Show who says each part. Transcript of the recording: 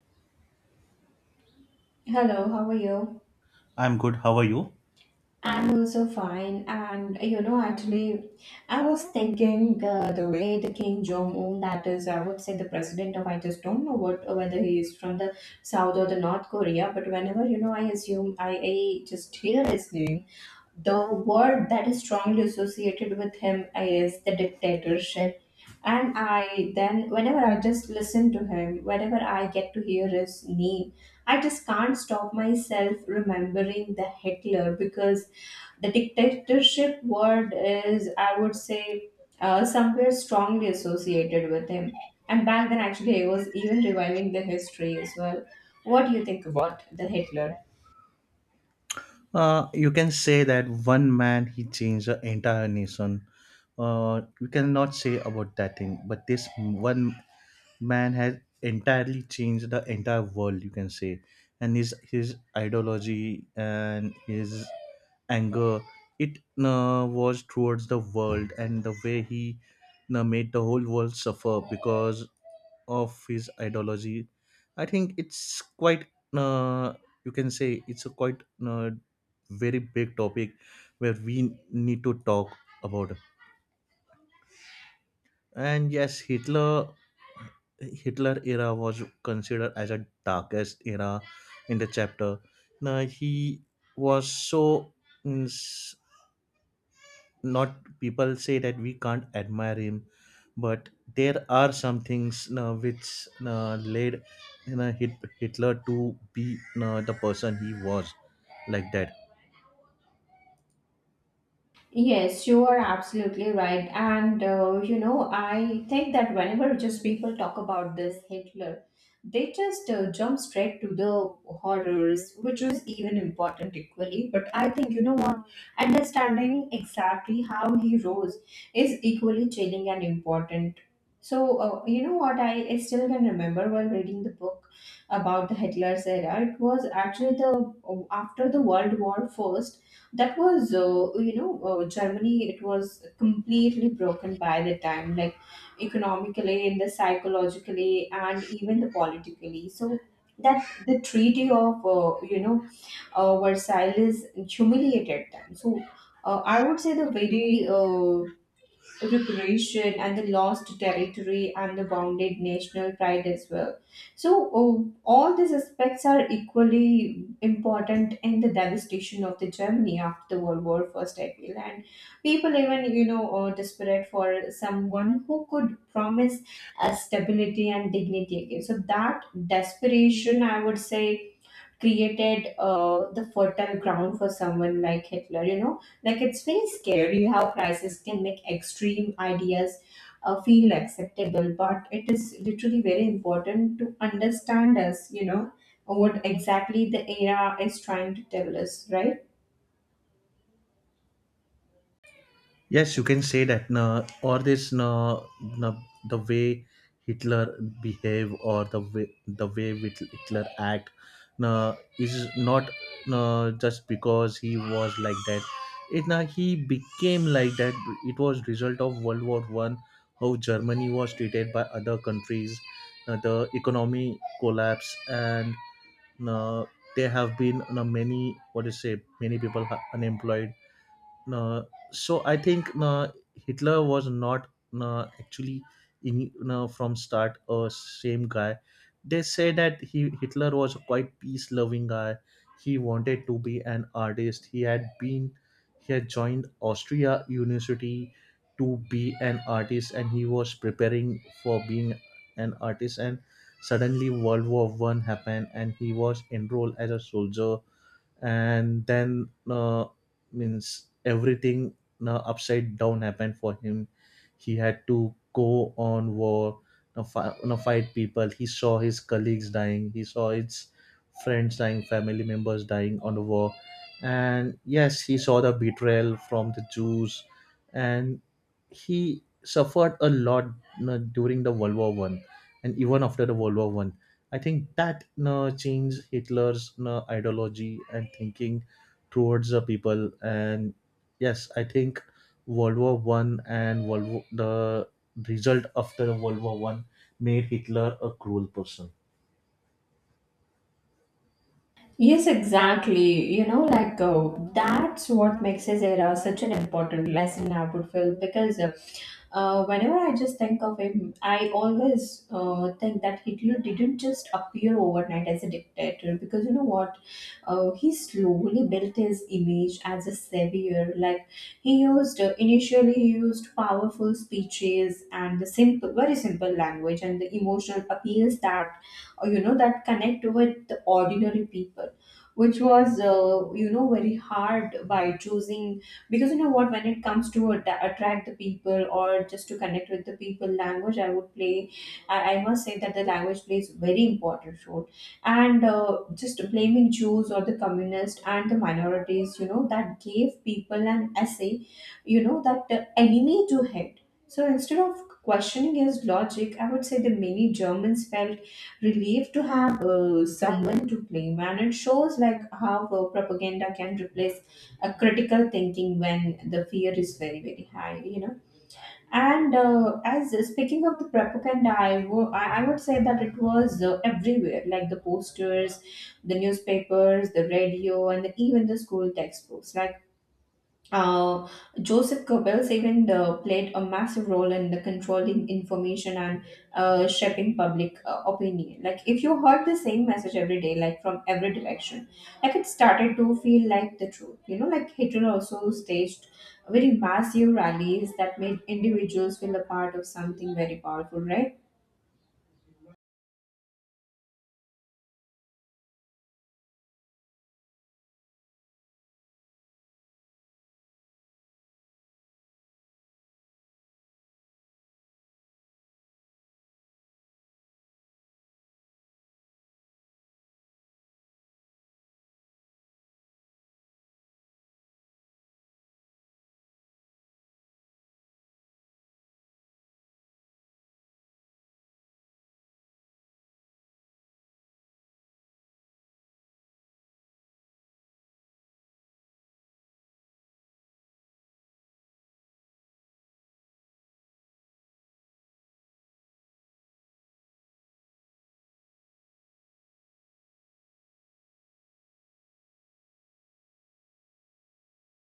Speaker 1: Hello, how are you?
Speaker 2: I'm good. How are you?
Speaker 1: I'm also fine. And you know, actually, I was thinking the way the King Jong Un, that is, I would say the president of, I just don't know what whether he is from the South or the North Korea, but whenever you know, I assume I just hear his name, the word that is strongly associated with him is the dictatorship and I then, whenever I just listen to him, whenever I get to hear his name, I just can't stop myself remembering the Hitler because the dictatorship word is, I would say, somewhere strongly associated with him. And back then, actually, I was even reviving the history as well. What do you think about the Hitler?
Speaker 2: You can say that one man he changed the entire nation. You cannot say about that thing, but this one man has entirely changed the entire world. You can say, and his ideology and his anger it was towards the world, and the way he made the whole world suffer because of his ideology. I think it's quite uh, you can say it's a quite very big topic where we need to talk about. And yes, Hitler era was considered as a darkest era in the chapter. Now he was so, mm, not, people say that we can't admire him, but there are some things, which, led, Hitler, to be the person he was, like that.
Speaker 1: Yes, you are absolutely right. And you know, I think that whenever just people talk about this Hitler, they just jump straight to the horrors, which is even important equally. But I think, you know what, understanding exactly how he rose is equally chilling and important. So, you know what, I still can remember while reading the book about the Hitler's era. It was actually the after the World War First that was you know germany it was completely broken by the time like economically and the psychologically and even the politically so that the treaty of you know versailles humiliated them so I would say the very reparation and the lost territory and the bounded national pride as well. So, oh, all these aspects are equally important in the devastation of the Germany after World War First, I feel. And people even, you know, are desperate for someone who could promise stability and dignity again. So that desperation, I would say, created the fertile ground for someone like Hitler. You know, like it's very scary how crisis can make extreme ideas feel acceptable, but it is literally very important to understand us, you know, what exactly the era is trying to tell us, right?
Speaker 2: Yes, you can say that. No, or this, no, no, the way Hitler behave, or the way with Hitler act, no, is not, no, just because he was like that. It, no, he became like that. It was result of World War One, how Germany was treated by other countries, no, the economy collapse, and no, there have been no, many, what do you say, many people are unemployed, no, so I think, no, Hitler was not, no, actually, in, no, from start a same guy. They say that he Hitler was a quite peace loving guy. He wanted to be an artist. He had joined Austria University to be an artist, and he was preparing for being an artist. And suddenly World War One happened, and he was enrolled as a soldier, and then means everything upside down happened for him. He had to go on war, fight people. He saw his colleagues dying. He saw his friends dying, family members dying on the war. And yes, he saw the betrayal from the Jews, and he suffered a lot, during the World War One, and even after the World War One. I think that changed Hitler's ideology and thinking towards the people. And yes, I think World War One and the result after World War One made Hitler a cruel person.
Speaker 1: Yes, exactly. You know, like that's what makes his era such an important lesson, I would feel, because whenever I just think of him, I always think that Hitler didn't just appear overnight as a dictator because you know what? He slowly built his image as a savior. Like initially, he used powerful speeches and the simple, very simple language and the emotional appeals that, you know, that connect with the ordinary people which was you know very hard by choosing because you know what when it comes to atta attract the people or just to connect with the people language I would play I must say that the language plays very important role and just blaming jews or the communists and the minorities you know that gave people an essay you know that enemy to hate so instead of questioning his logic I would say the many germans felt relieved to have someone to blame and it shows like how propaganda can replace a critical thinking when the fear is very high you know and as speaking of the propaganda I wo- I would say that it was everywhere like the posters the newspapers the radio and even the school textbooks like uh, Joseph Goebbels even played a massive role in the controlling information and shaping public opinion. Like if you heard the same message every day, like from every direction, like it started to feel like the truth. You know, like Hitler also staged very massive rallies that made individuals feel a part of something very powerful, right?